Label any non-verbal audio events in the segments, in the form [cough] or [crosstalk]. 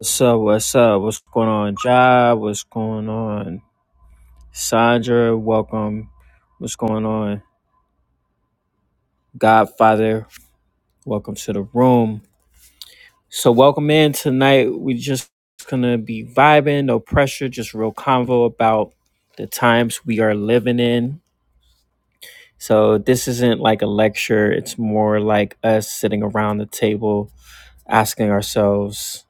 What's up? What's up? What's going on, Job? What's going on, Sandra? Welcome. What's going on, Godfather? Welcome to the room. So, welcome in tonight. we just gonna be vibing, no pressure, just real convo about the times we are living in. So, this isn't like a lecture, it's more like us sitting around the table asking ourselves,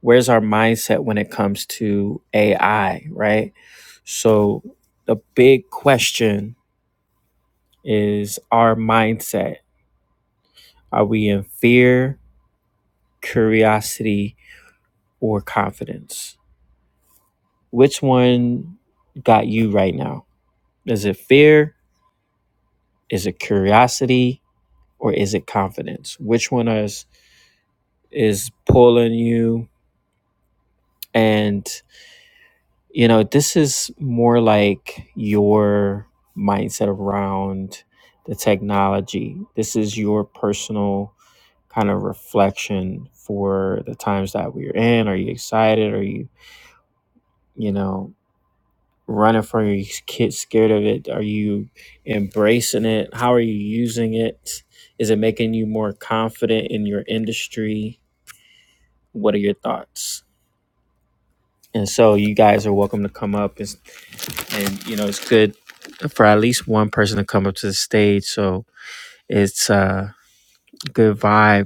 where's our mindset when it comes to AI, right? So the big question is our mindset. Are we in fear, curiosity, or confidence? Which one got you right now? Is it fear? Is it curiosity? Or is it confidence? Which one is is pulling you? And you know, this is more like your mindset around the technology. This is your personal kind of reflection for the times that we're in? Are you excited? Are you, you know, running from your kids scared of it? Are you embracing it? How are you using it? Is it making you more confident in your industry? What are your thoughts? And so you guys are welcome to come up and, and you know, it's good for at least one person to come up to the stage. So it's a good vibe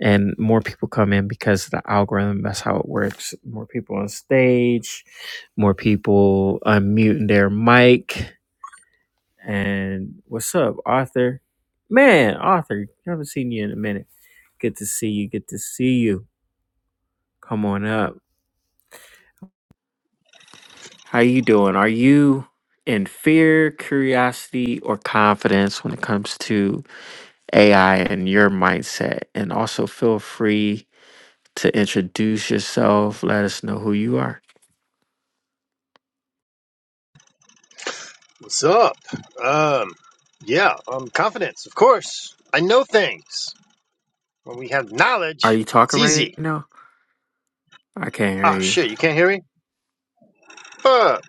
and more people come in because of the algorithm. That's how it works. More people on stage, more people unmuting their mic. And what's up, Arthur? Man, Arthur, haven't seen you in a minute. Good to see you. Good to see you. Come on up. How you doing? Are you in fear, curiosity, or confidence when it comes to AI and your mindset? And also feel free to introduce yourself. Let us know who you are. What's up? Um, yeah, um, confidence, of course. I know things. When we have Are knowledge, you it's talking right easy. now? I can't hear Ah, you. shit, you can't hear me? Fuck.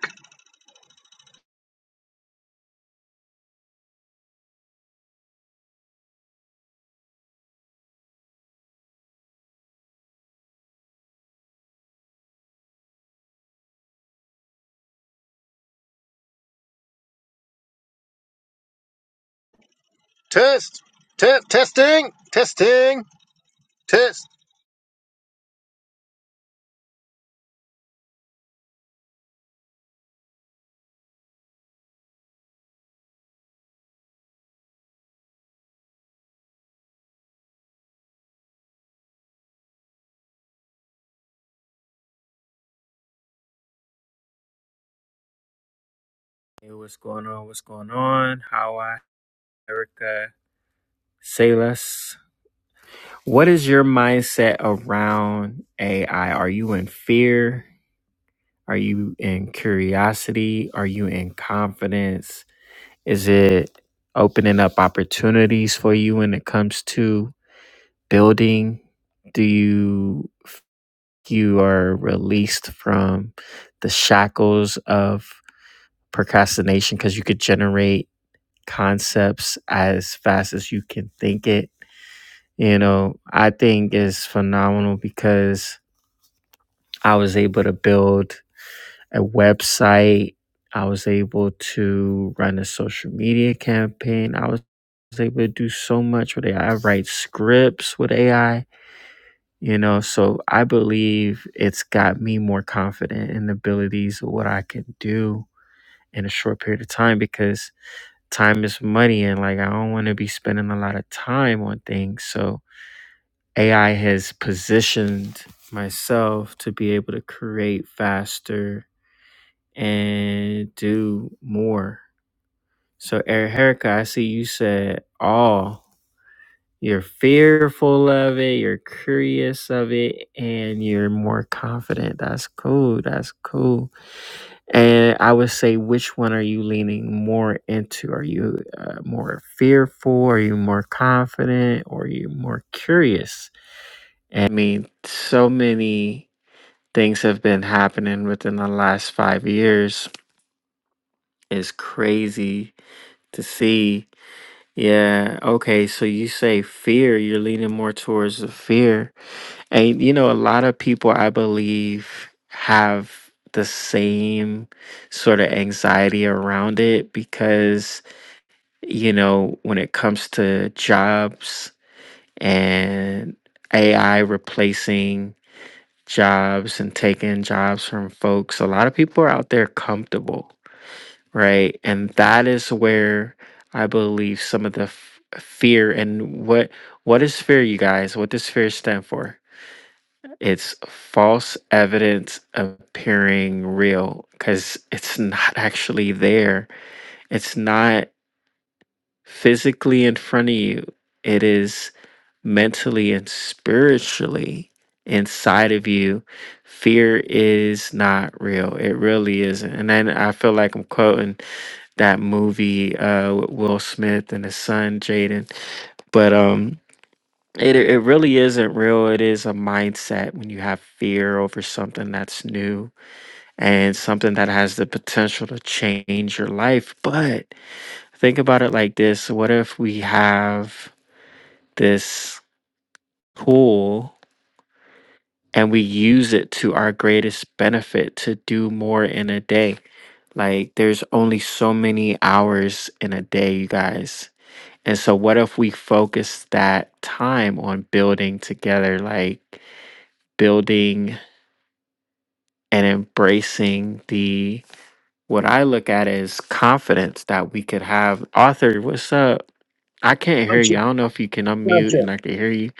Test. Test. Testing. Testing. Test. Hey, what's going on? What's going on? How I, Erica, say less. What is your mindset around AI? Are you in fear? Are you in curiosity? Are you in confidence? Is it opening up opportunities for you when it comes to building? Do you you are released from the shackles of procrastination because you could generate concepts as fast as you can think it. You know, I think is phenomenal because I was able to build a website. I was able to run a social media campaign. I was able to do so much with AI. write scripts with AI, you know, so I believe it's got me more confident in the abilities of what I can do in a short period of time because time is money and like I don't want to be spending a lot of time on things. So AI has positioned myself to be able to create faster and do more. So Erica, I see you said all. You're fearful of it, you're curious of it, and you're more confident. That's cool. That's cool. And I would say, which one are you leaning more into? Are you uh, more fearful? Are you more confident? Or are you more curious? I mean, so many things have been happening within the last five years. It's crazy to see. Yeah. Okay. So you say fear, you're leaning more towards the fear And you know, a lot of people, I believe, have the same sort of anxiety around it because, you know, when it comes to jobs and AI replacing jobs and taking jobs from folks, a lot of people are out there comfortable, right? And that is where I believe some of the f- fear and what what is fear, you guys? What does fear stand for? It's false evidence appearing real because it's not actually there. It's not physically in front of you, it is mentally and spiritually inside of you. Fear is not real. It really isn't. And then I feel like I'm quoting that movie uh, with Will Smith and his son, Jaden. But, um, it it really isn't real. It is a mindset when you have fear over something that's new and something that has the potential to change your life. But think about it like this. What if we have this tool and we use it to our greatest benefit to do more in a day? Like there's only so many hours in a day, you guys. And so what if we focus that time on building together like building and embracing the what I look at as confidence that we could have. Arthur, what's up? I can't hear Sound you. check. I don't know if you can Sound unmute check. and I can hear you,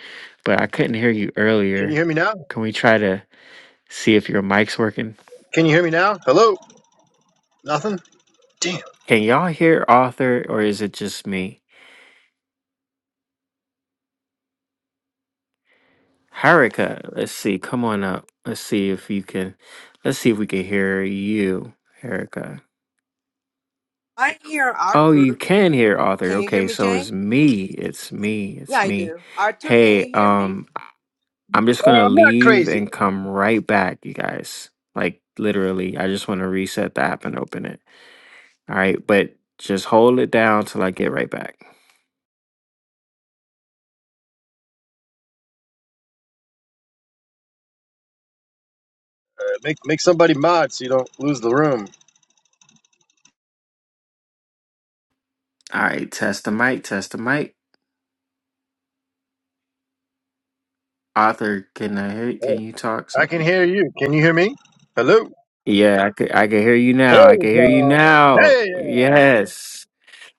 but I couldn't hear you Can you earlier. hear me now? Can we try to see if your mic's working? Can you hear me now? Hello? Nothing? Damn. Can y'all hear Arthur or is it just me? Haruka, let's see. Come on up. Let's see if you can. Let's see if we can hear you, Haruka. I hear Oh, you Arthur. can hear Arthur. Can you hear Okay, me, so Jay? it's me. It's me. Yeah, It's I me. do. Arthur, can you Hey, hear me? um, I'm just Oh, gonna I'm not leave crazy. and come right back, you guys. Like literally, I just want to reset the app and open it. All right, but just hold it down till I get right back. Uh, Make, make somebody mod so you don't lose the room. All right, test the mic. Test the mic. Arthur, can I hear? Oh, Can you talk? So I I can can. hear you. Can you hear me? Hello? Yeah, I could. I can hear you Hey, now. I can hear you y'all. now. Hey. yeah. Yes.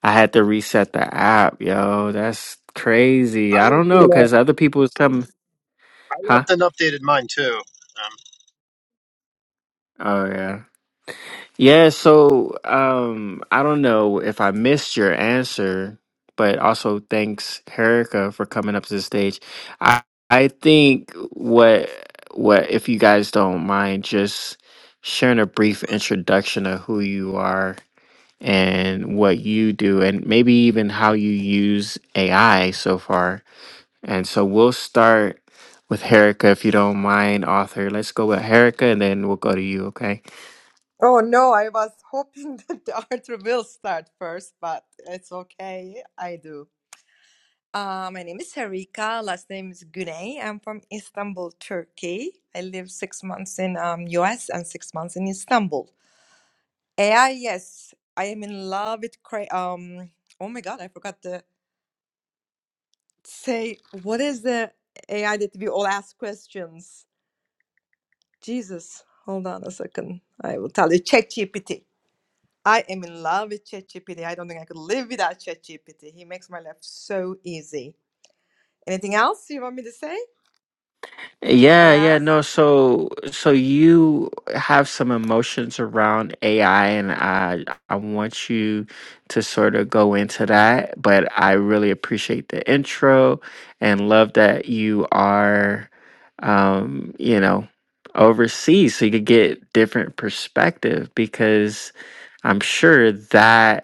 I had to reset the app, yo. That's crazy. I I don't left, know an, because other people was telling, I huh? left an updated mine too. Um, Oh yeah, yeah. So um, I don't know if I missed your answer, but also thanks, Erica, for coming up to the stage. I I think what what if you guys don't mind just sharing a brief introduction of who you are and what you do and maybe even how you use AI so far And so we'll start with Erica, if you don't mind, author. Let's go with Erica, and then we'll go to you. Okay? Oh no, I was hoping [laughs] that Arthur will start first, but it's okay. I do. Uh, my name is Harika. Last name is Güney. I'm from Istanbul, Turkey. I lived six months in um, US and six months in Istanbul. AI, yes, I am in love with cra- um. Oh my God, I forgot to say what is the AI that we all ask questions. Jesus, hold on a second. I will tell you. ChatGPT. I am in love with ChatGPT. I don't think I could live without ChatGPT. He makes my life so easy. Anything else you want me to say or Yeah, yeah. ask? No, so so you have some emotions around AI, and I I want you to sort of go into that. But I really appreciate the intro and love that you are, um, you know, overseas, so you could get different perspective because I'm sure that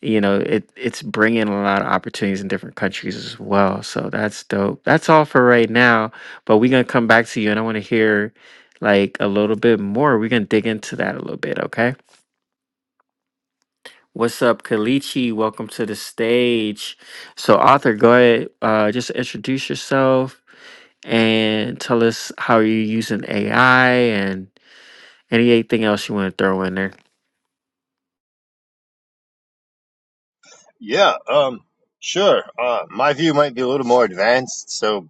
you know it it's bringing a lot of opportunities in different countries as well so that's dope that's all for right now but we're gonna come back to you and i want to hear like a little bit more we're gonna dig into that a little bit okay what's up kalichi welcome to the stage so author go ahead uh, just introduce yourself and tell us how you're using ai and anything else you want to throw in there Yeah, um, sure. Uh, my view might be a little more advanced, so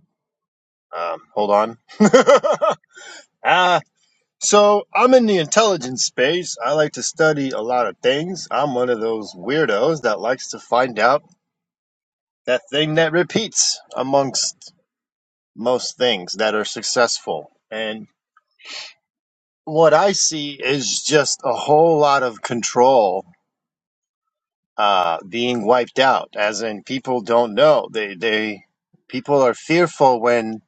um, hold on. [laughs] uh, so I'm in the intelligence space. I like to study a lot of things. I'm one of those weirdos that likes to find out that thing that repeats amongst most things that are successful. And what I see is just a whole lot of control uh, being wiped out, as in people don't know. They they people are fearful when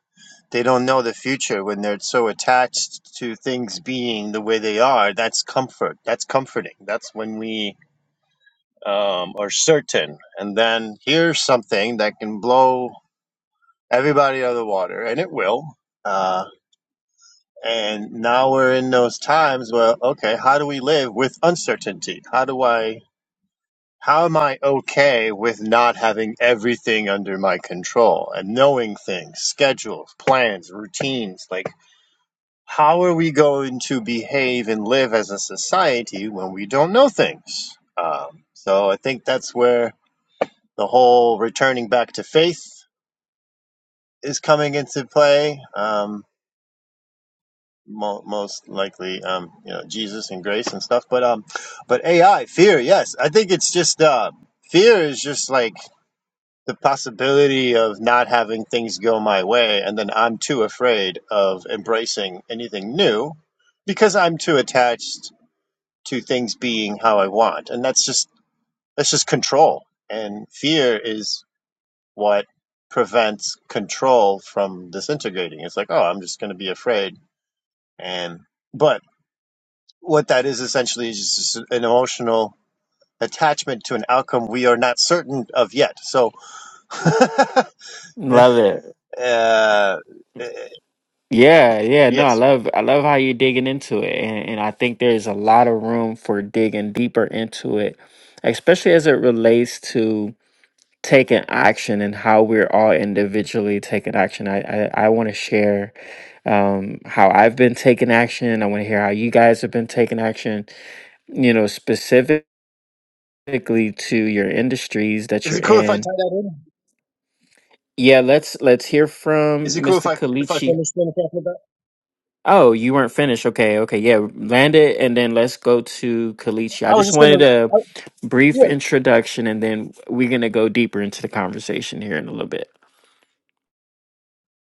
They don't know the future when they're so attached to things being the way they are. That's comfort. That's comforting. That's when we um, are certain. And then here's something that can blow everybody out of the water, and it will. Uh, and now we're in those times where, okay, how do we live with uncertainty? How do I how am I okay with not having everything under my control and knowing things, schedules, plans, routines? Like, how are we going to behave and live as a society when we don't know things? Um, so I think that's where the whole returning back to faith is coming into play. Um, mo- most likely, um, you know, Jesus and grace and stuff. But um, but AI fear, yes, I think it's just uh, fear is just like the possibility of not having things go my way, and then I'm too afraid of embracing anything new because I'm too attached to things being how I want. And that's just that's just control. And fear is what prevents control from disintegrating. It's like, oh, I'm just going to be afraid. And but what that is essentially is just an emotional attachment to an outcome we are not certain of yet. So, [laughs] love it uh, eh, Yeah, yeah, no, I yes. love I love how you're digging into it and, and I think there's a lot of room for digging deeper into it, especially as it relates to taking action and how we're all individually taking action. I I, I want to share um how I've been taking action. I want to hear how you guys have been taking action, you know, specifically to your industries that Is you're it cool if I tie in. that in? Yeah, let's let's hear from Is it cool if Mr. I if I Kalichi. finish what I'm talking about? Oh, you weren't finished. Okay, okay, yeah. Land it, and then let's go to Kalichi. I I was just just wanted gonna, a I, yeah. brief introduction, and then we're gonna go deeper into the conversation here in a little bit.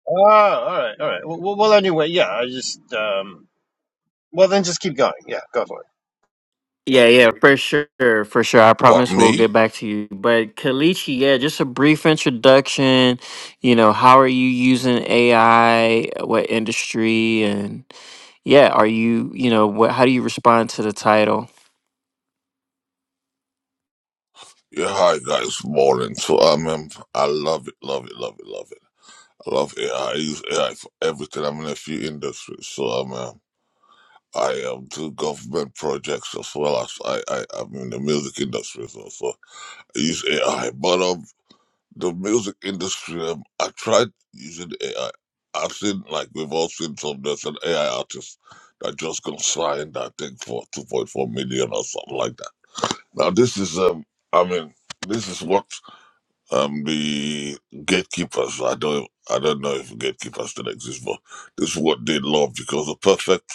Oh, all right, all right. Well, well, well, anyway, yeah. I just um, Well, then just keep going. Yeah, go for it. Yeah, yeah, for sure, for sure. I What promise we'll me? get back to you. But Kalichi, yeah, just a brief introduction. You know, how are you using AI? What industry? And yeah, are you, you know, what? How do you respond to the title? Yeah, hi guys. Morning. So I um, I love it, love it, love it, love it. I love AI. I I use AI for everything. I'm in a few industries, so I'm um, I um, do government projects as well as I, I I'm in the music industry as well. So I use AI, but um, the music industry, um, I tried using AI. I've seen like we've all seen some there's an AI artist that just gonna sign that thing for 2.4 million or something like that. Now this is um, I mean this is what Um, the gatekeepers. I don't. I don't know if gatekeepers still exist, but this is what they love because a perfect,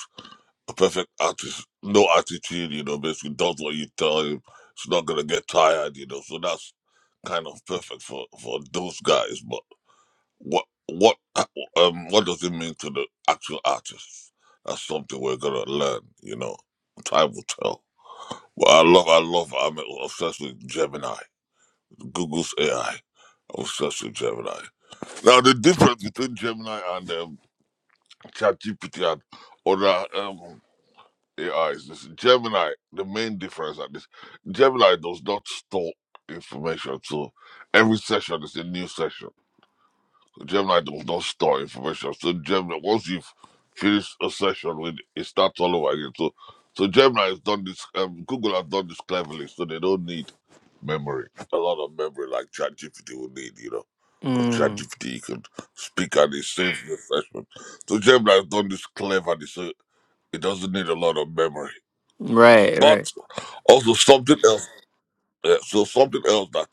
a perfect artist, no attitude. You know, basically does what you tell him. He's not gonna get tired. You know, so that's kind of perfect for for those guys. But what what um what does it mean to the actual artists? That's something we're gonna learn. You know, time will tell. Well, I love, I love. I'm obsessed with Gemini, Google's AI. am obsessed with Gemini. Now, the difference between Gemini and um, ChatGPT and other um, AIs is is Gemini, the main difference at this, Gemini does not store information. So every session is a new session. Gemini does not store information. So Gemini, once you've finished a session with it, starts all over again. So so Gemini has done this, um, Google has done this cleverly, so they don't need memory, a lot of memory like ChatGPT will need, you know. Because Mm, ChatGPT you can speak and it saves refreshment. So Gemini has done this cleverly, so it doesn't need a lot of memory. right, right. But also something else, uh, so something else that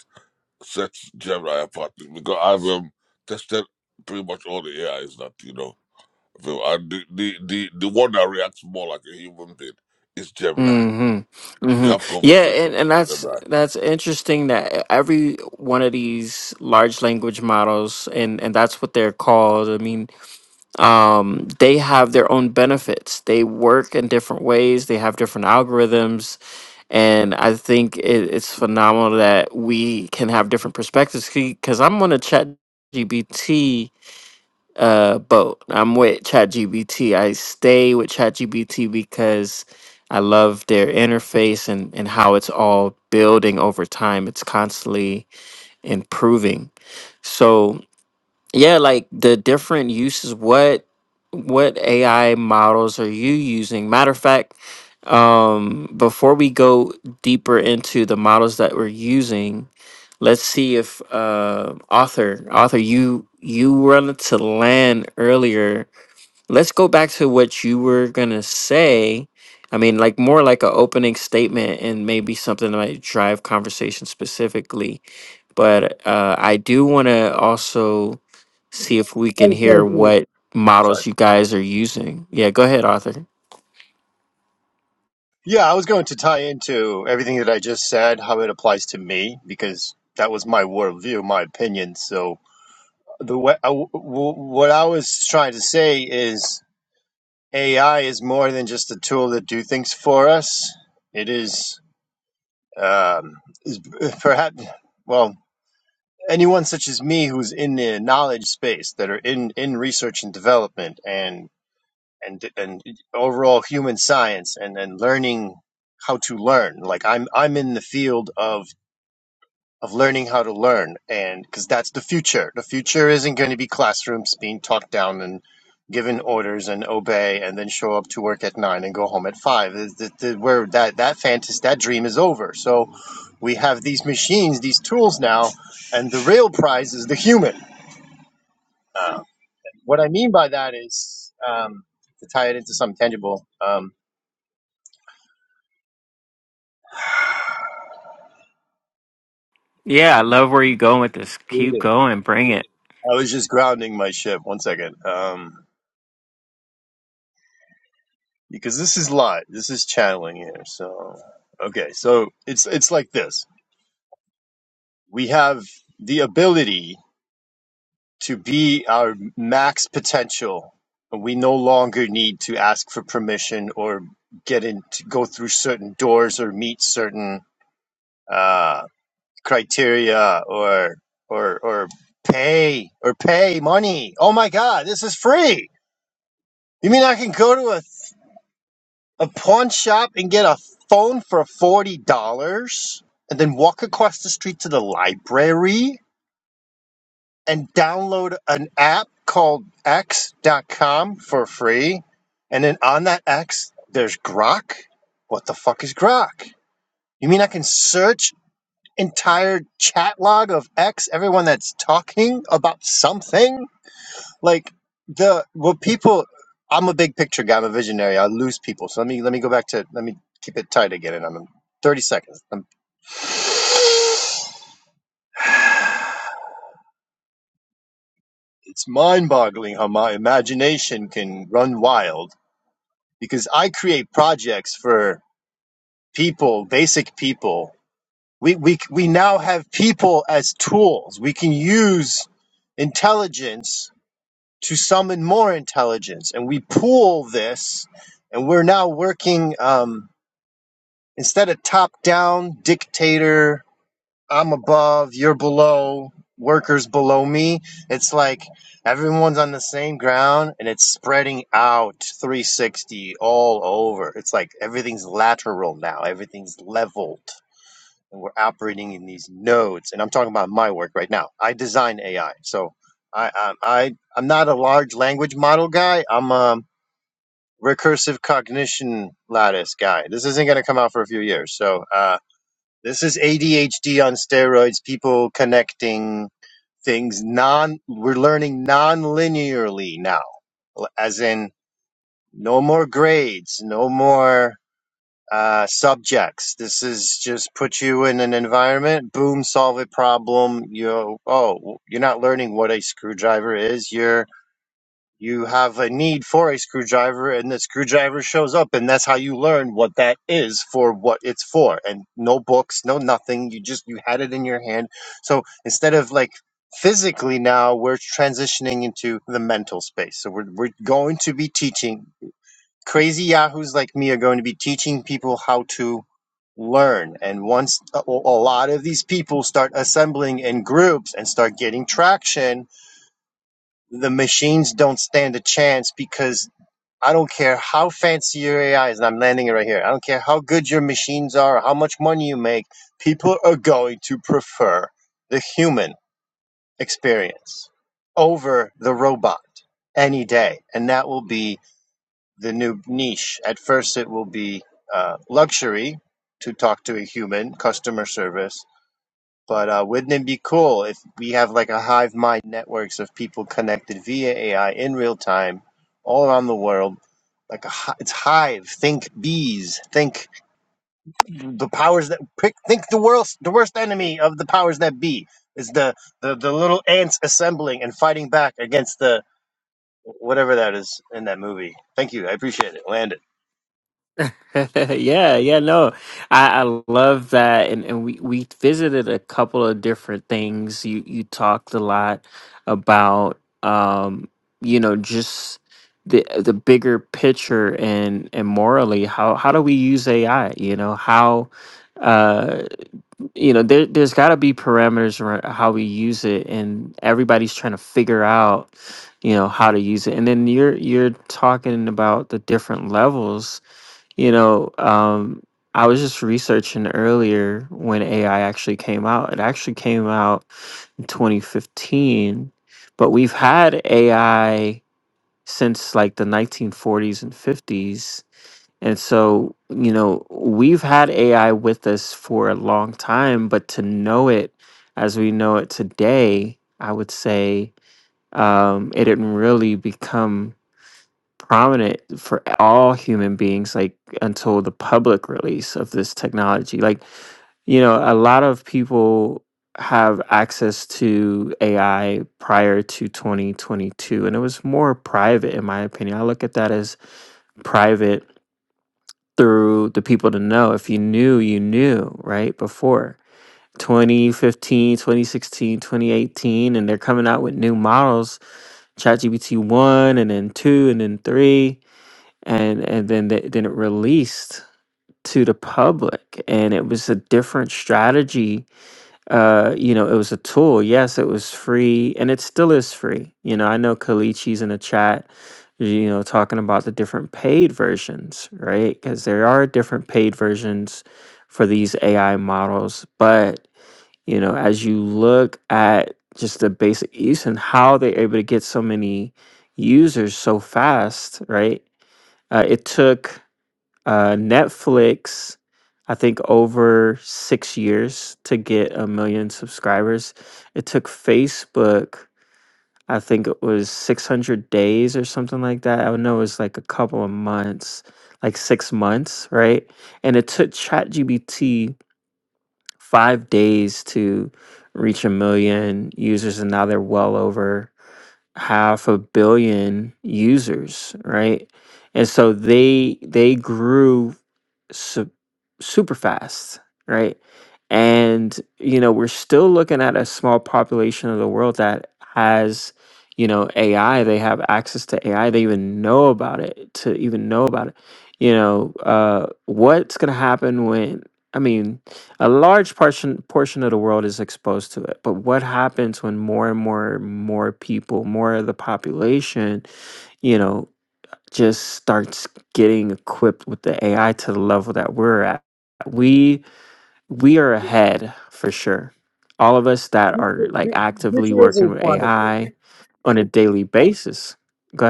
sets Gemini apart because I've um, tested pretty much all the AIs that you know, so, and the, the the the one that reacts more like a human being is Gemini. hmm If you hmm have Yeah, conversation, and, and that's Gemini. that's interesting that every one of these large language models and, and that's what they're called. I mean, um, they have their own benefits. They work in different ways, they have different algorithms. And I think it, it's phenomenal that we can have different perspectives because I'm on a chat GBT uh boat. I'm with ChatGPT. I stay with ChatGPT because I love their interface and and how it's all building over time. It's constantly improving. So yeah, like the different uses. What what AI models are you using? Matter of fact, um, before we go deeper into the models that we're using, let's see if uh, author author you you wanted to land earlier. Let's go back to what you were gonna say. I mean, like more like an opening statement and maybe something that might drive conversation specifically but uh, I do want to also see if we can Oh, hear what Sorry. models you guys are using. Yeah, go ahead, Arthur. Yeah, I was going to tie into everything that I just said, how it applies to me, because that was my worldview, my opinion. So the way I, w- w- what I was trying to say is AI is more than just a tool to do things for us. It is, um, is [laughs] perhaps well anyone such as me who's in the knowledge space that are in in research and development and. and and overall human science and and learning how to learn like i'm i'm in the field of of learning how to learn and cuz that's the future the future isn't going to be classrooms being talked down and given orders and obey and then show up to work at 9 and go home at 5 Is that- that- where that that fantasy that dream is over so we have these machines these tools now and the real prize is the human uh, what i mean by that is um, to tie it into some tangible um, Yeah, I love where you're going with this. Keep going, bring it. I was just grounding my ship. One second. Um, because this is live. This is channeling here. So, okay. So it's, it's like this. We have the ability to be our max potential. We no longer need to ask for permission or get in to go through certain doors or meet certain, uh, criteria or, or, or pay or pay money. Oh my God, this is free. You mean I can go to a a pawn shop and get a phone for $40 and then walk across the street to the library and download an app called X dot com for free and then on that x there's grok what the fuck is grok you mean i can search entire chat log of x everyone that's talking about something like the what people i'm a big picture guy i'm a visionary i lose people so let me let me go back to let me keep it tight again and i'm in 30 seconds i it's mind-boggling how my imagination can run wild because i create projects for people basic people we we, we now have people as tools we can use intelligence to summon more intelligence and we pool this and we're now working um, Instead of top down dictator, I'm above, you're below, workers below me, it's like everyone's on the same ground and it's spreading out 360 all over. It's like everything's lateral now, everything's leveled. And we're operating in these nodes. And I'm talking about my work right now. I design AI. So I, I, I I'm not a large language model guy. I'm a recursive cognition lattice guy. This isn't going to come out for a few years. So uh, this is ADHD on steroids, people connecting things non, we're learning non-linearly now. As in, no more grades, no more, uh, subjects. This is just put you in an environment, boom, solve a problem. You, oh, you're not learning what a screwdriver is. You're. You have a need for a screwdriver, and the screwdriver shows up, and that's how you learn what that is for what it's for. And no books, no nothing. You just you had it in your hand. So instead of like physically now, we're transitioning into the mental space. So we're we're going to be teaching crazy yahoos like me are going to be teaching people how to learn. And once a, a lot of these people start assembling in groups and start getting traction, the machines don't stand a chance because I don't care how fancy your AI is, and I'm landing it right here. I don't care how good your machines are or how much money you make. People are going to prefer the human experience over the robot any day. And that will be the new niche. At first, it will be uh, luxury to talk to a human, customer service. But uh, wouldn't it be cool if we have like a hive mind networks of people connected via AI in real time, all around the world? Like a hi- it's hive. Think bees. Think the powers that pick. Think the worst the worst enemy of the powers that be is the the, the little ants assembling and fighting back against the whatever that is in that movie. Thank you. I appreciate it. Landed. [laughs] yeah, yeah, no, I, I love that, and and we we visited a couple of different things. You you talked a lot about um you know just the the bigger picture and and morally how how do we use AI? You know how uh, you know there, there's got to be parameters around how we use it and everybody's trying to figure out you know how to use it and then you're you're talking about the different levels you know um i was just researching earlier when ai actually came out it actually came out in 2015 but we've had ai since like the 1940s and 50s and so, you know, we've had AI with us for a long time, but to know it as we know it today, I would say um, it didn't really become prominent for all human beings like until the public release of this technology. Like, you know, a lot of people have access to AI prior to 2022, and it was more private, in my opinion. I look at that as private through the people to know. If you knew, you knew, right? Before 2015, 2016, 2018, and they're coming out with new models, ChatGPT 1 and then 2 and then 3 and and then they, then it released to the public and it was a different strategy uh you know it was a tool yes it was free and it still is free you know i know kalichi's in the chat you know talking about the different paid versions right because there are different paid versions for these ai models but you know as you look at just the basic use and how they're able to get so many users so fast right uh, it took uh, Netflix, I think over 6 years to get a 1,000,000 subscribers. It took Facebook, I think it was 600 days or something like that. I know it was like a couple of months, like 6 months, right? And it took ChatGPT 5 days to reach a 1,000,000 users, and now they're well over half a billion users, right? And so they they grew su- super fast, right? And you know, we're still looking at a small population of the world that has, you know, AI. They have access to AI. They even know about it. To even know about it, you know, uh, what's going to happen when? I mean, a large portion portion of the world is exposed to it but what happens when more and more more people more of the population you know just starts getting equipped with the ai to the level that we're at we we are ahead for sure all of us that are like Future- actively future is working in with quantity. ai on a daily basis go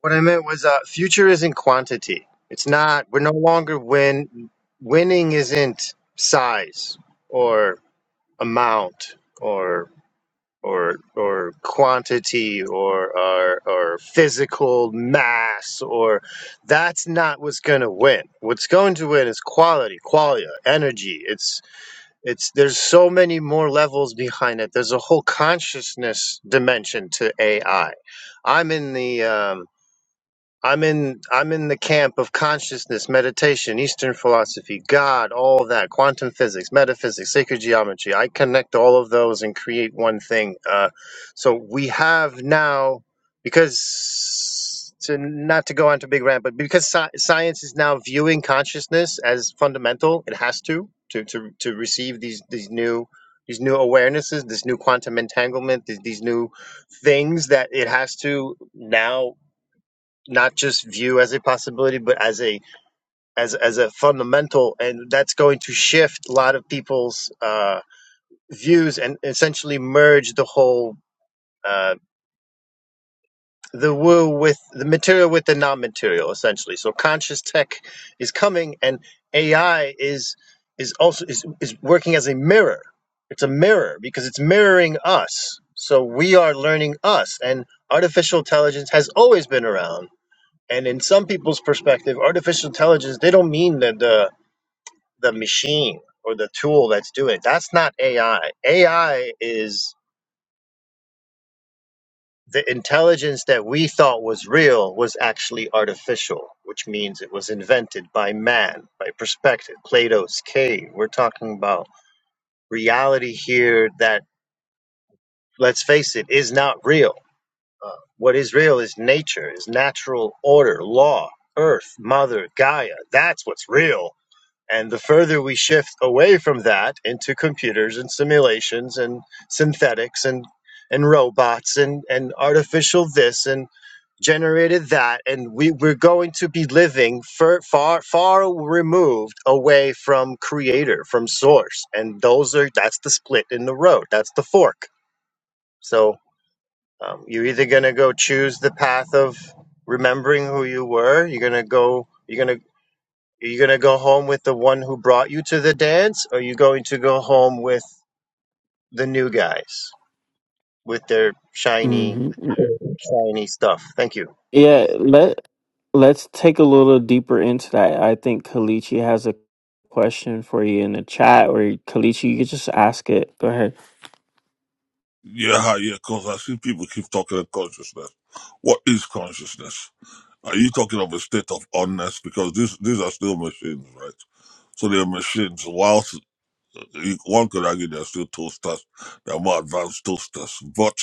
What I meant was, uh, future is in quantity. It's not. We're no longer win. Winning isn't size or amount or or or quantity or or, or physical mass or that's not what's going to win. What's going to win is quality, qualia, energy. It's it's there's so many more levels behind it. There's a whole consciousness dimension to AI. I'm in the um, I'm in I'm in the camp of consciousness, meditation, Eastern philosophy, God, all that, quantum physics, metaphysics, sacred geometry. I connect all of those and create one thing. Uh, so we have now because to not to go on to big rant, but because sci- science is now viewing consciousness as fundamental, it has to to to, to receive these these new these new awarenesses, this new quantum entanglement, these, these new things that it has to now not just view as a possibility, but as a as as a fundamental, and that's going to shift a lot of people's uh, views and essentially merge the whole uh, the woo with the material with the non-material, essentially. So conscious tech is coming, and AI is is also is is working as a mirror. It's a mirror because it's mirroring us. So we are learning us, and artificial intelligence has always been around And in some people's perspective, artificial intelligence, they don't mean the, the, the machine or the tool that's doing it. That's not AI. AI is the intelligence that we thought was real was actually artificial, which means it was invented by man, by perspective, Plato's cave. We're talking about reality here that, let's face it, is not real. What is real is nature, is natural order, law, earth, mother, Gaia. That's what's real And the further we shift away from that into computers and simulations and synthetics and and robots and and artificial this and generated that and we we're going to be living far far far removed away from creator from source and those are that's the split in the road that's the fork so um, you're either going to go choose the path of remembering who you were you're going to go you're going to are you going to go home with the one who brought you to the dance? Or are you going to go home with the new guys with their shiny, ahead shiny stuff? Thank you. Yeah, let let's take a little deeper into that. I think Kalichi has a question for you in the chat, or Kalichi, you could just ask it. Go ahead. Yeah, hi, yeah, because I see people keep talking of consciousness. What is consciousness? Are you talking of a state of oneness? Because these these are still machines, right? So they're machines. Whilst you- one could argue they're still toasters, they're more advanced toasters. But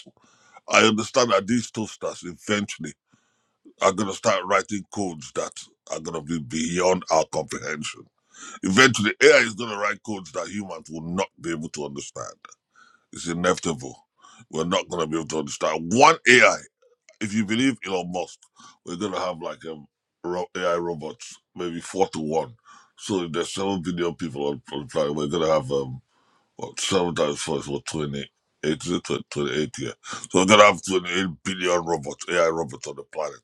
I understand that these toasters eventually are going to start writing codes that are going to be beyond our comprehension. Eventually, AI is going to write codes that humans will not be able to understand it's inevitable. We're not going to be able to understand one AI. If you believe Elon Musk, we're going to have like um, ro- AI robots, maybe four to one. So if there's seven billion people on, on the planet, we're going to have um, what, seven times four is what, 28, is it 28 yeah. So we're going to have 28 billion robots, AI robots on the planet.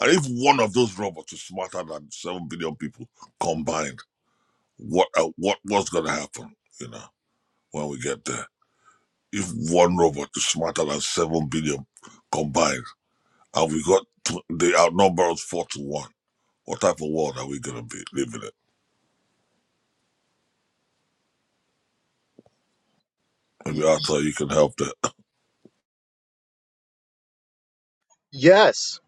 And if one of those robots is smarter than seven billion people combined, what uh, what what's going to happen, you know, when we get there? if one robot is smarter than 7 billion combined and we got to, they outnumber us 4 to 1, what type of world are we going to be living in? Y- Maybe Arthur, you can help there. yes.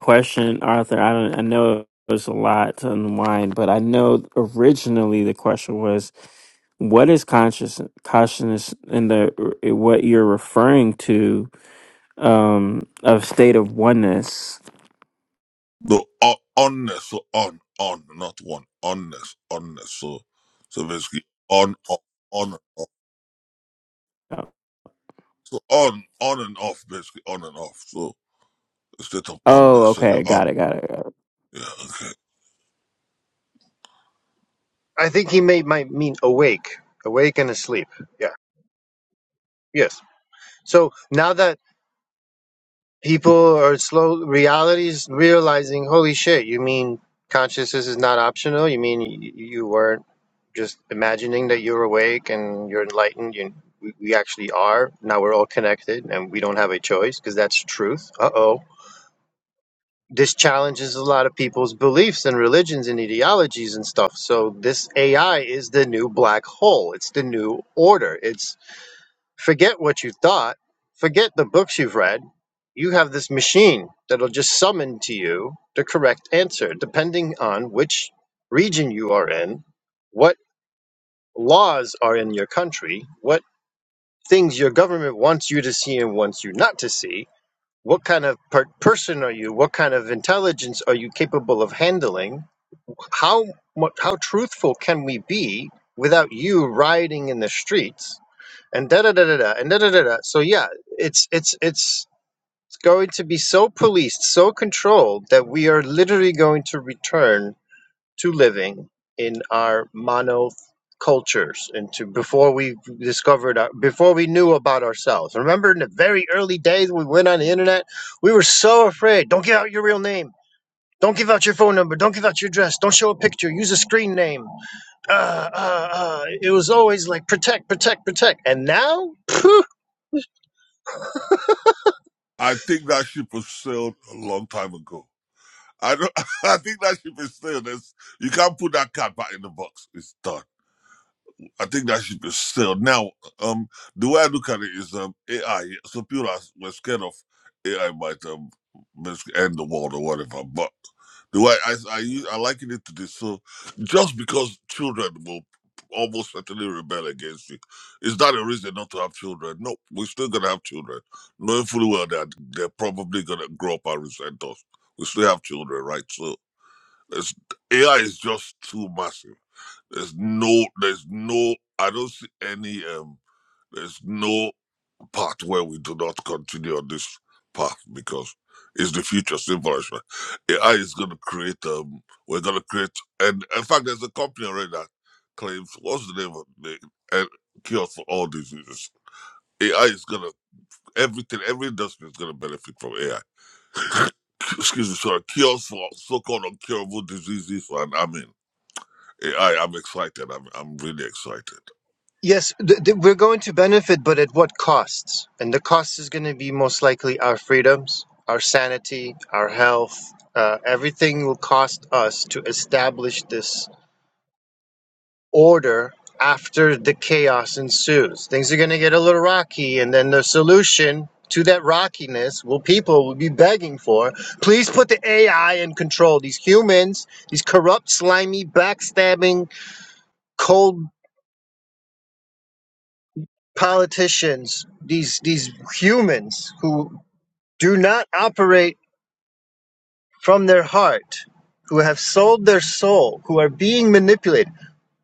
Question, Arthur. I don't. I know it was a lot to unwind, but I know originally the question was, "What is conscious consciousness?" in the eh, what you're referring to um, of state of oneness. No, on, onness, so on, on, not one. Onness, onness. So, so basically, on, off, on, and off. So on, on and off, basically, on and off. So, instead of onness, Oh, so you're okay, got on. it, got it. Yeah, okay. I think he may might mean awake, awake and asleep. Yeah. Yes. So now that people are slow, realities realizing, holy shit, you mean consciousness is not optional? You mean you, you weren't just imagining that you're awake and you're enlightened. You, we, we actually are. Now we're all connected and we don't have a choice because that's truth. Uh oh. This challenges a lot of people's beliefs and religions and ideologies and stuff. So this AI is the new black hole. It's the new order. It's forget what you thought, forget the books you've read. You have this machine that'll just summon to you the correct answer, depending on which region you are in, what laws are in your country, what things your government wants you to see and wants you not to see, what kind of per- person are you, what kind of intelligence are you capable of handling, how mu- how truthful can we be without you rioting in the streets and da da da da da and da da da da. So yeah, it's it's it's it's going to be so policed, so controlled that we are literally going to return to living in our mono cultures and to before we discovered our, before we knew about ourselves remember in the very early days when we went on the internet we were so afraid don't give out your real name don't give out your phone number don't give out your address don't show a picture use a screen name uh, uh, uh. it was always like protect protect protect and now phew, I think that ship was sailed a long time ago. I don't, [laughs] I think that ship is still. There's, you can't put that cat back in the box. It's done. I think that ship is still. Now, um, the way I look at it is um, AI. So people are, were scared of AI might um mis- end the world or whatever. But the way I I, use- I liken it to this, so just because children will almost certainly rebel against it, is that a reason not to have children? No, we're still gonna have children, knowing fully well that they're probably gonna grow up and resent us. We still have children, right? So it's, AI is just too massive. There's no, there's no, I don't see any, um, there's no part where we do not continue on this path because it's the future, simple as that. AI is going to create, um, we're going to create, and in fact, there's a company already that claims, what's the name of the uh, cure for all diseases? AI is going to, everything, every industry is going to benefit from AI. [coughs] [laughs] Excuse me, sorry, cures for so called incurable diseases, and I mean, I, I'm excited. I'm I'm really excited. Yes, th- th- we're going to benefit, but at what costs? And the cost is going to be most likely our freedoms, our sanity, our health. Uh, everything will cost us to establish this order after the chaos ensues. Things are going to get a little rocky, and then the solution to that rockiness will people will be begging for please put the ai in control these humans these corrupt slimy backstabbing cold politicians, these these humans who do not operate from their heart, who have sold their soul, who are being manipulated.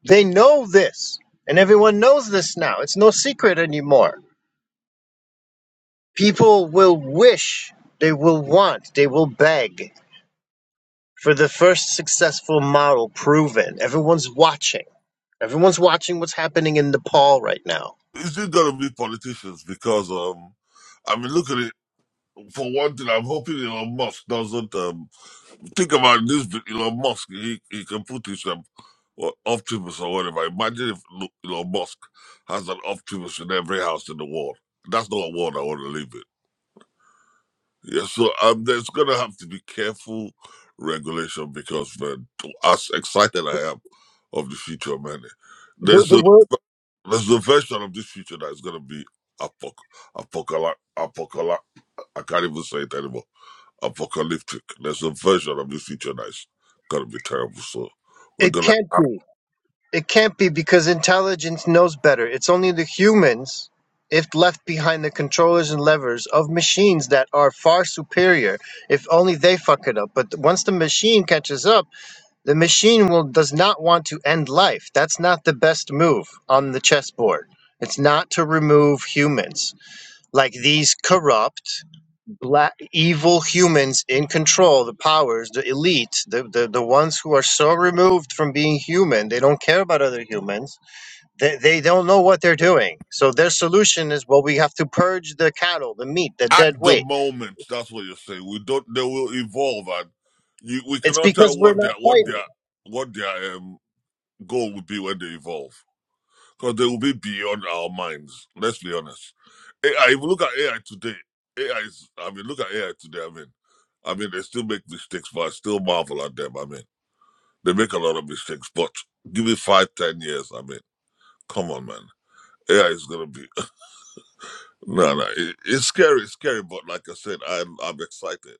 They know this, and everyone knows this now. It's no secret anymore. People will wish, they will want, they will beg for the first successful model proven. Everyone's watching. Everyone's watching what's happening in Nepal right now. Is it gonna be politicians? Because um, I mean, look at it. For one thing, I'm hoping Elon Musk doesn't um think about this. But Elon Musk, he he can put his um, what, Optimus or whatever. Imagine if look, Elon Musk has an Optimus in every house in the world. That's not a world I want to live in. Yeah, so um, there's gonna have to be careful regulation because man, as excited I am of the future, man, The, there's a the world There's a version of this future that is going to be apoc- apocalyptic. Apocalyptic. I can't even say it anymore. Apocalyptic. There's a version of this future that is going to be terrible. So we're it going to can't have. be. It can't be because intelligence knows better. It's only the humans, if left behind the controllers and levers of machines that are far superior, if only they fuck it up. But once the machine catches up, the machine will does not want to end life. That's not the best move on the chessboard. It's not to remove humans like these corrupt black evil humans in control the powers the elite the, the the ones who are so removed from being human they don't care about other humans they, they don't know what they're doing so their solution is well we have to purge the cattle the meat the dead At the weight moment, that's what you're saying. We don't. They will evolve, and you, we it's cannot because tell we're what not their what fighting their what their um, goal would be when they evolve. because they will be beyond our minds. Let's be honest. AI, if you look at AI today, AI is, I mean, look at AI today. I mean, I mean, they still make mistakes, but I still marvel at them. I mean, they make a lot of mistakes, but give me five, ten years. I mean, come on, man. AI is gonna be [laughs] no, no. It, it's scary, it's scary, but like I said, I'm, I'm excited.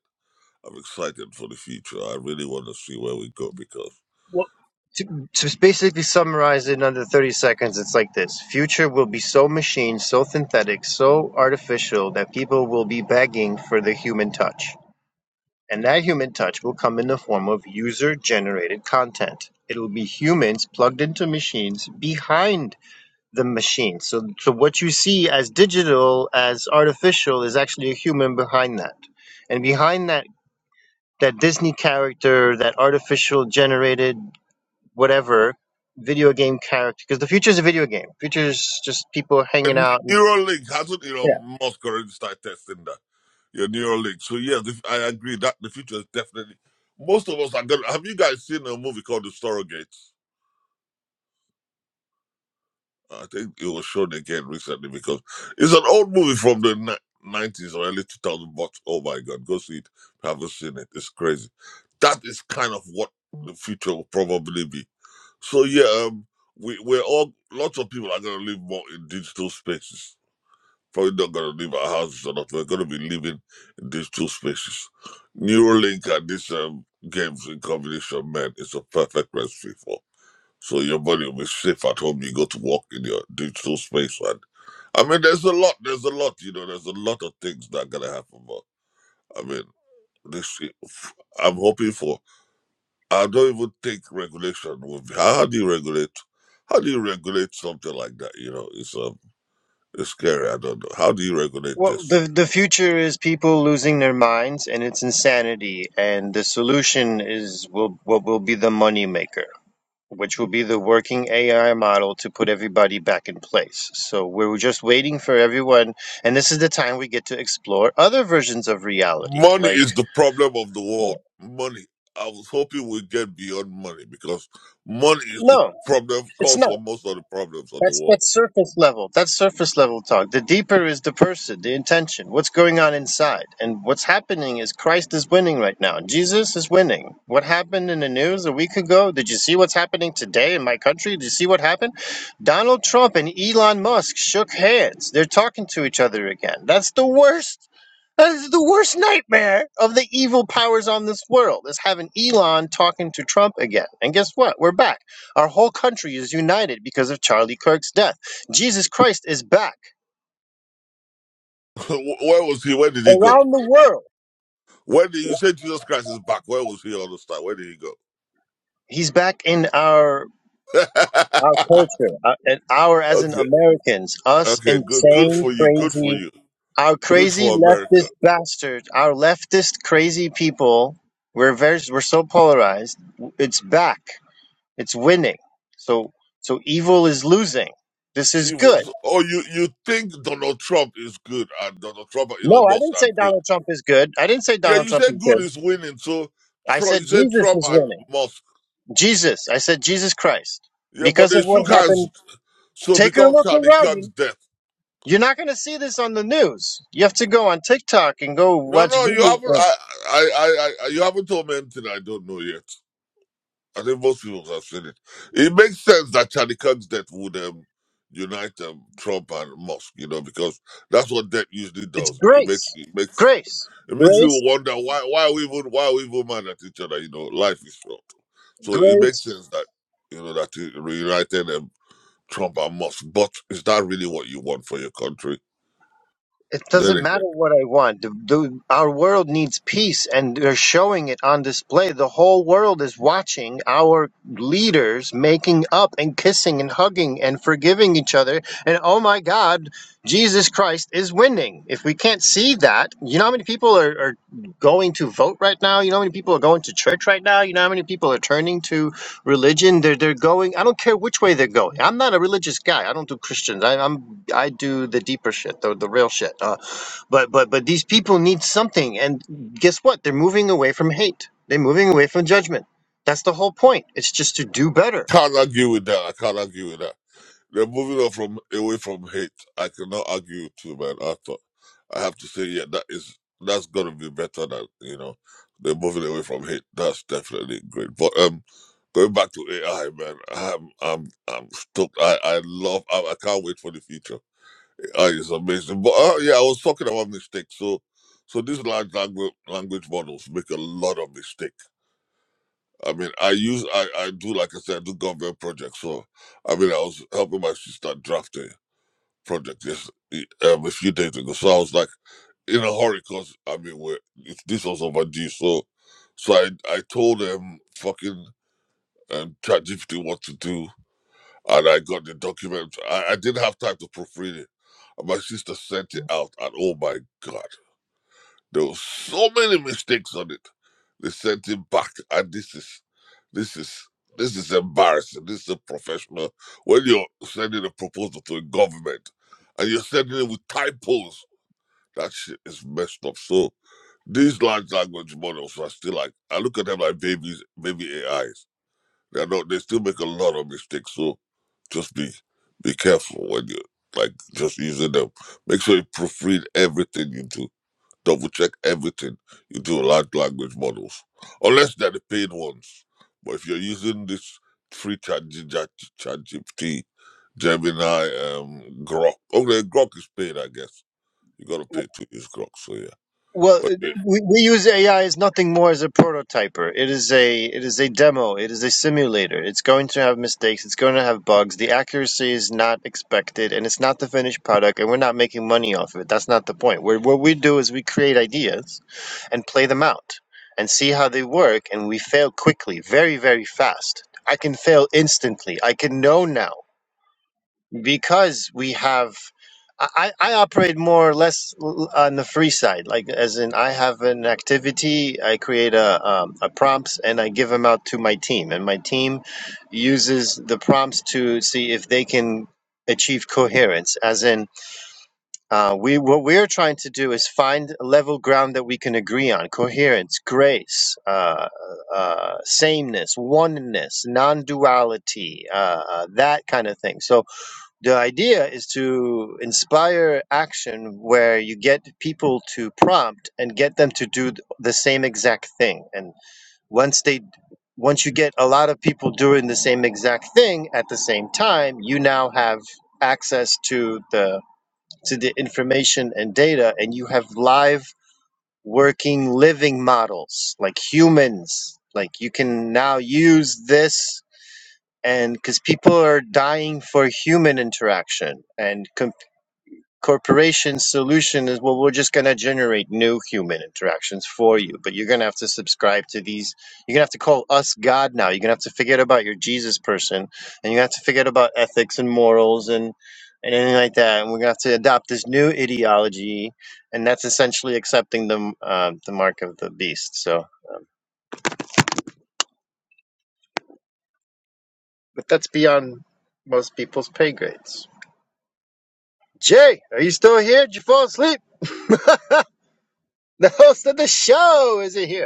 I'm excited for the future. I really want to see where we go because well, to, to basically summarize it in under 30 seconds it's like this future will be so machine so synthetic so artificial that people will be begging for the human touch And that human touch will come in the form of user generated content. It'll be humans plugged into machines behind the machine. So, so what you see as digital, as artificial, is actually a human behind that. And behind that, that Disney character, that artificial generated whatever video game character, because the future is a video game. Future is just people hanging and out Neuralink hasn't Elon Musk already started testing that? your neural link. So yeah, the, I agree that the future is definitely. Most of us are going Have you guys seen a movie called The Surrogate? I think it was shown again recently because it's an old movie from the ni- nineties or early two thousand. But oh my god, go see it. If you haven't seen it. It's crazy. That is kind of what the future will probably be. So yeah, um, we we're all. Lots of people are gonna live more in digital spaces Probably not gonna leave our houses or not. We're gonna be living in these two spaces. Neuralink and this um, games in combination, man, it's a perfect recipe for. So your body will be safe at home. You go to work in your digital space, and I mean, there's a lot. There's a lot. You know, there's a lot of things that are gonna happen. But I mean, this I'm hoping for. I don't even think regulation will be. How do you regulate? How do you regulate something like that? You know, it's um, it's scary. I don't know. How do you regulate Well, this? the the future is people losing their minds, and it's insanity. And the solution is will what will be the money maker, which will be the working AI model to put everybody back in place. So we're just waiting for everyone, and this is the time we get to explore other versions of reality. Money Like, is the problem of the world. Money. I was hoping we'd get beyond money because money is the no, problem, it's cause not. for most of the problems of the That's world. that's surface level. That's surface level talk. The deeper is the person, the intention, what's going on inside. And what's happening is Christ is winning right now. Jesus is winning. What happened in the news a week ago? Did you see what's happening today in my country? Did you see what happened? Donald Trump and Elon Musk shook hands. They're talking to each other again. That's the worst. That is the worst nightmare of the evil powers on this world is having Elon talking to Trump again. And guess what? We're back. Our whole country is united because of Charlie Kirk's death. Jesus Christ is back [laughs] Where was he? Where did he go? around the world. Where did you say Jesus Christ is back? Where was he all this time? Where did he go? He's back in our [laughs] our culture, uh, and our as in okay, Americans, us okay, good, good insane, for you, good for crazy, you, our good crazy for America. leftist bastards, our leftist crazy people. We're very we're so polarized. It's back. It's winning. So so evil is losing. This is He good. was, oh, you you think Donald Trump is good and Donald Trump and No, Elon I Musk didn't are say good? Donald Trump is good. I didn't say Yeah, Donald you Trump is said good good. is winning, so I Trump, said you said Jesus Trump is and winning. Musk Jesus. I said Jesus Christ. Yeah, but Because of they what shook hands, happened, so take a because look Tani around. Khan's You- death. You're not going to see this on the news. You have to go on TikTok and go No, watch no, you haven't. video. I, I, I, I, you haven't told me anything I don't know yet. I think most people have seen it. It makes sense that Charlie Kirk's death would um, unite um, Trump and Musk, you know, because that's what death usually It's does. It makes, grace. it makes, Grace. it makes Grace. people wonder why, why are we even, why are we even mad at each other? You know, life is short, so it Great. makes sense that you know that it reunited um, Trump and Musk. But is that really what you want for your country? It Then doesn't again. matter what I want. The, the, our world needs peace, and they're showing it on display. The whole world is watching our leaders making up and kissing and hugging and forgiving each other. And oh my God, Jesus Christ is winning. If we can't see that, you know how many people are, are going to vote right now? You know how many people are going to church right now? You know how many people are turning to religion. They're they're going. I don't care which way they're going. I'm not a religious guy. I don't do Christians. I, I'm I do the deeper shit, the the real shit. Uh, but but but these people need something, and guess what? They're moving away from hate. They're moving away from judgment. That's the whole point. It's just to do better. Can't argue with that. I can't argue with that. They're moving on from away from hate. I cannot argue with you, man. I thought I have to say, yeah, that is that's gonna be better than you know. They're moving away from hate. That's definitely great. But um, going back to AI, man, I'm I'm I'm stoked. I I love. I, I can't wait for the future. AI is amazing. But uh, yeah, I was talking about mistakes. So so these large language language models make a lot of mistakes I mean, I use I, I do like I said, I do government projects. So, I mean, I was helping my sister draft a project just um, a few days ago. So I was like in a hurry because I mean, we're, it's- this was overdue. So, so I I told them fucking um, ChatGPT what to do, and I got the document. I, I didn't have time to proofread it. And My sister sent it out, and oh my god! There were so many mistakes on it. They sent him back, and this is, this is, this is embarrassing. This is a professional. When you're sending a proposal to a government, and you're sending it with typos, that shit is messed up. So these large language models are still like, I look at them like babies, baby AIs. They're not. They still make a lot of mistakes. So just be, be careful when you like just using them. Make sure you proofread everything you do double check everything you do with large language models, unless they're the paid ones. But if you're using this free chat, G- chat Chat GPT, Gemini, um, Grok, oh, the Grok is paid, I guess. You gotta pay to use Grok, so yeah. Well, Okay. we, we use AI as nothing more as a prototyper. It is a it is a demo. It is a simulator. It's going to have mistakes. It's going to have bugs. The accuracy is not expected, and it's not the finished product. And we're not making money off of it. That's not the point. We're, what we do is we create ideas, and play them out, and see how they work. And we fail quickly, very very fast. I can fail instantly. I can know now because we have I, I operate more or less l- on the free side like as in i have an activity i create a, um, a prompts and i give them out to my team and my team uses the prompts to see if they can achieve coherence as in uh, we what we're trying to do is find a level ground that we can agree on coherence grace uh, uh, sameness oneness non-duality uh, uh, that kind of thing so the idea is to inspire action where you get people to prompt and get them to do th- the same exact thing and once they once you get a lot of people doing the same exact thing at the same time you now have access to the to the information and data and you have live working living models like humans like you can now use this and because people are dying for human interaction and corporation solution is well we're just going to generate no human interactions for you but you're going to have to subscribe to these you're going to have to call us god now you're going to have to forget about your jesus person and you have to forget about ethics and morals and and anything like that and we're going to have to adopt this new ideology and that's essentially accepting the uh, the mark of the beast so but that's beyond most people's pay grades jay are you still here did you fall asleep [laughs] the host of the show is here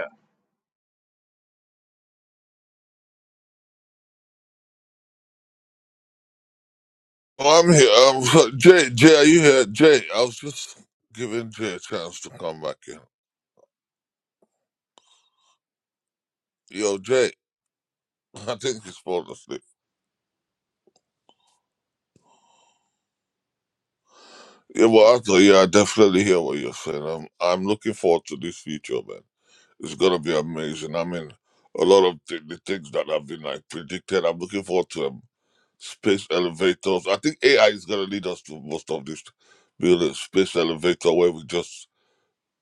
Oh, I'm here. Um, [laughs] Jay, Jay, are you here? Jay, I was just giving Jay a chance to come back in. Yo, Jay, [laughs] I think he's falling asleep. Yeah, well, I thought, yeah, I definitely hear what you're saying. I'm, I'm looking forward to this future, man. It's gonna be amazing. I mean, a lot of th- the things that have been like predicted. I'm looking forward to them. Space elevators. I think AI is gonna lead us to most of this. Build a space elevator where we just.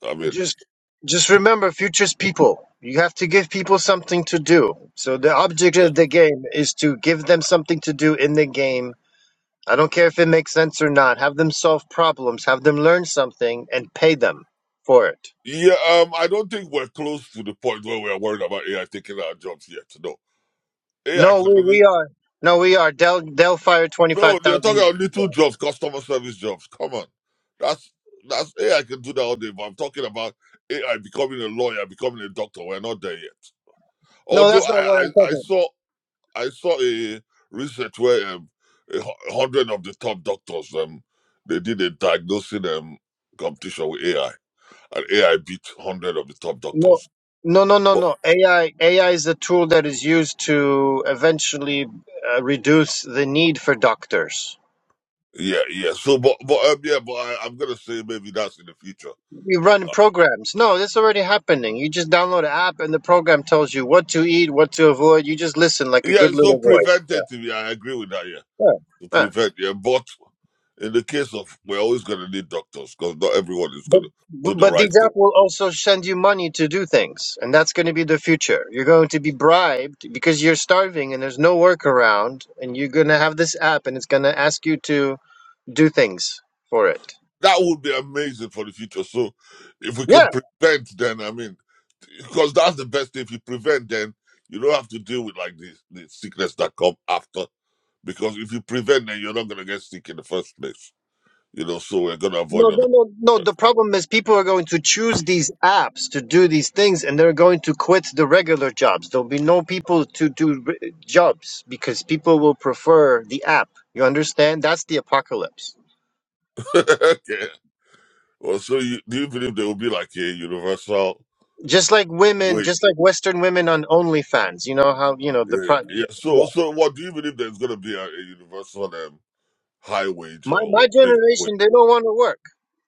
I mean, just just remember futures people you have to give people something to do so the object yeah, of the game is to give them something to do in the game i don't care if it makes sense or not have them solve problems have them learn something and pay them for it yeah. Um, I don't think we're close to the point where we are worried about AI taking our jobs yet. No, AI no can we, only. we are no we are Del, delfire No, they're talking 25000 about yeah. little jobs, customer service jobs. Come on, that's that's AI can do that all day. But I'm talking about AI becoming a lawyer, becoming a doctor. We're not there yet. no Although that's not what I, i'm I, I talking saw I saw a research where um, a hu- a hundred of the top doctors um they did a diagnosing um competition with AI and AI beat hundred of the top no doctors. no no no But no ai ai is a tool that is used to eventually uh, reduce the need for doctors yeah, yeah. So but but um, yeah, but I, I'm gonna say maybe that's in the future. You run programs. No, this is already happening. You just download an app and the program tells you what to eat, what to avoid. You just listen like a Yeah, good it's little not boy. Yeah. preventative. Yeah, I agree with that. Yeah, Yeah. to Yeah. prevent. Yeah, but in the case of we're always gonna need doctors because not everyone is But gonna do the but right thing. these apps will also send you money to do things, and that's going to be the future. You're going to be bribed because you're starving and there's no work around, and you're going to have this app, and it's going to ask you to do things for it. That would be amazing for the future. So if we Yeah, can prevent, then I mean, because that's the best thing. If you prevent, then you don't have to deal with like the, the sickness that come after. Because if you prevent, then you're not gonna get sick in the first place. You know, so we're gonna avoid No, a no, lot. no, no. The problem is people are going to choose these apps to do these things, and they're going to quit the regular jobs. There'll be no people to do r- jobs because people will prefer the app. You understand? That's the apocalypse. [laughs] okay. Well, so you, do you believe there will be like a universal Just like women, wage? just like Western women on OnlyFans. You know how you know Yeah, the yeah. pro- yeah. yeah. So, so what do you believe there's gonna be a, a universal um, high wage My or my what? basic wage? generation, they don't want to work.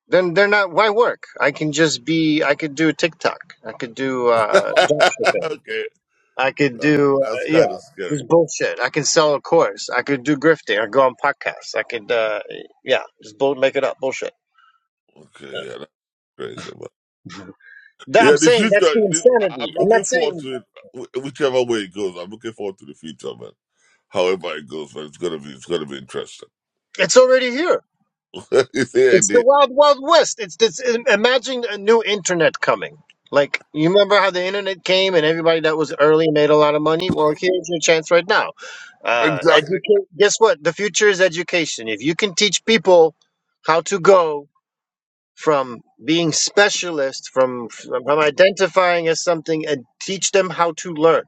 Then they're not. Why work? I can just be. I could do TikTok. I could do [laughs] uh, dropshipping. okay, I could that- do that's uh, yeah, kind of scary. this bullshit. I can sell a course. I could do grifting. I go on podcasts. I could uh yeah, just bull make it up bullshit. Okay, yeah, Praise the Lord. That Yeah, I'm the saying that's future. the the- I- I'm insanity. I'm looking not forward saying to it, wh- whichever way it goes. I'm looking forward to the future, man. However it goes, man, it's gonna be it's gonna be interesting. it's already here. [laughs] yeah, It's the indeed. wild wild west. It's this imagine a new internet coming. Like you remember how the internet came and everybody that was early made a lot of money? Well, here's your chance right now. Uh Exactly. educate guess what? The future is education. If you can teach people how to go from being specialists, from from identifying as something, and teach them how to learn,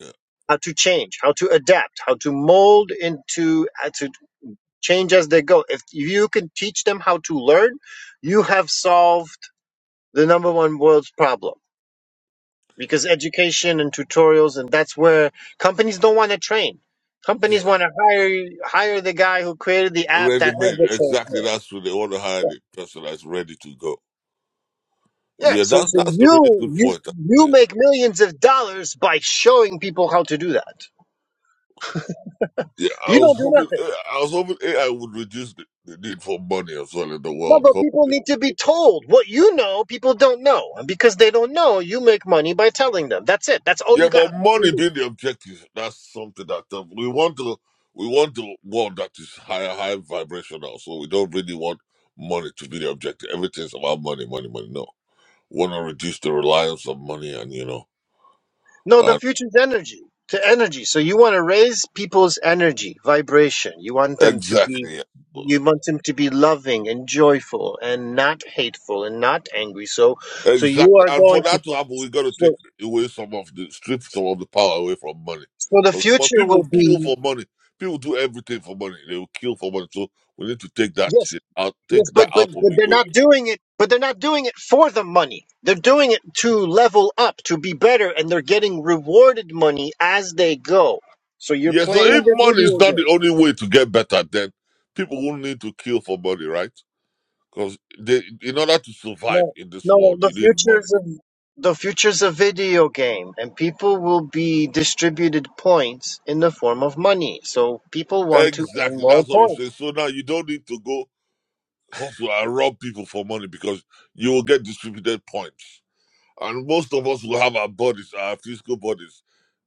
Yeah, how to change, how to adapt, how to mold into how to change as they go. If you can teach them how to learn, you have solved the number one world's problem because education and tutorials, and that's where companies don't want to train. yeah. Companies want to hire hire the guy who created the app Ready that has made. the train. Exactly. That's what they want to hire the person that's ready to go. Yeah, Yeah, so that's so that's a really good you you point. you Yeah, make millions of dollars by showing people how to do that. yeah I You don't was do hoping nothing. eh, I was hoping AI would reduce the, the need for money as well in the No, world. but people need to be told what you know. People don't know, and because they don't know, you make money by telling them. That's it. That's all Yeah, you got but to money do. being the objective, that's something that uh, we want to we want to world that is higher, high vibrational. So we don't really want money to be the objective. Everything's about money, money, money. No, we want to reduce the reliance on money, and you know, No, the and future's energy to energy. So you want to raise people's energy, vibration. You want them to be. exactly, yeah. You want them to be loving and joyful and not hateful and not angry. So, so you exactly. are And for going to. that to happen, we got to take So, away some of the strip some of the power away from money, so the because but future people will kill be for money. People do everything for money. They will kill for money. So we need to take that Yes, shit out, take Yes, but that but out of but the they're equation not doing it. But they're not doing it for the money. They're doing it to level up, to be better, and they're getting rewarded money as they go. So you're Yeah, so playing if the money is video not the game. only way to get better, then people will need to kill for money, right? Because they, in order to survive No, in this no, world, the you need money. futures of the future's a video game, and people will be distributed points in the form of money. So people want to earn Exactly, more that's what I'm points. saying. So now you don't need to go hustle and rob people for money because you will get distributed points. And most of us will have our bodies, our physical bodies,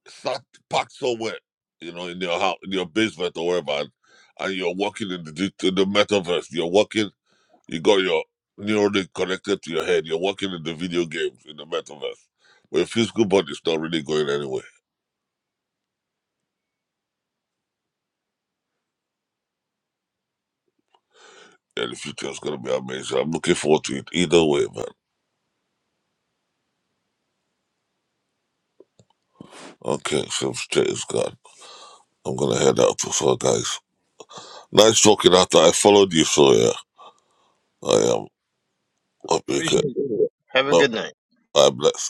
sat packed somewhere, you know, in your house, in your basement or wherever. And, and you're working in the, dig- in the metaverse. You're working You got your neuralink connected to your head. You're working in the video games in the metaverse. But your physical body's not really going anywhere. And the future is gonna be amazing. I'm looking forward to it either way, man. Okay, so straight is gone. I'm gonna head out for so guys. Nice talking after I followed you, so yeah. I am. I'll be good. Appreciate it. Have a No, good night. I bless.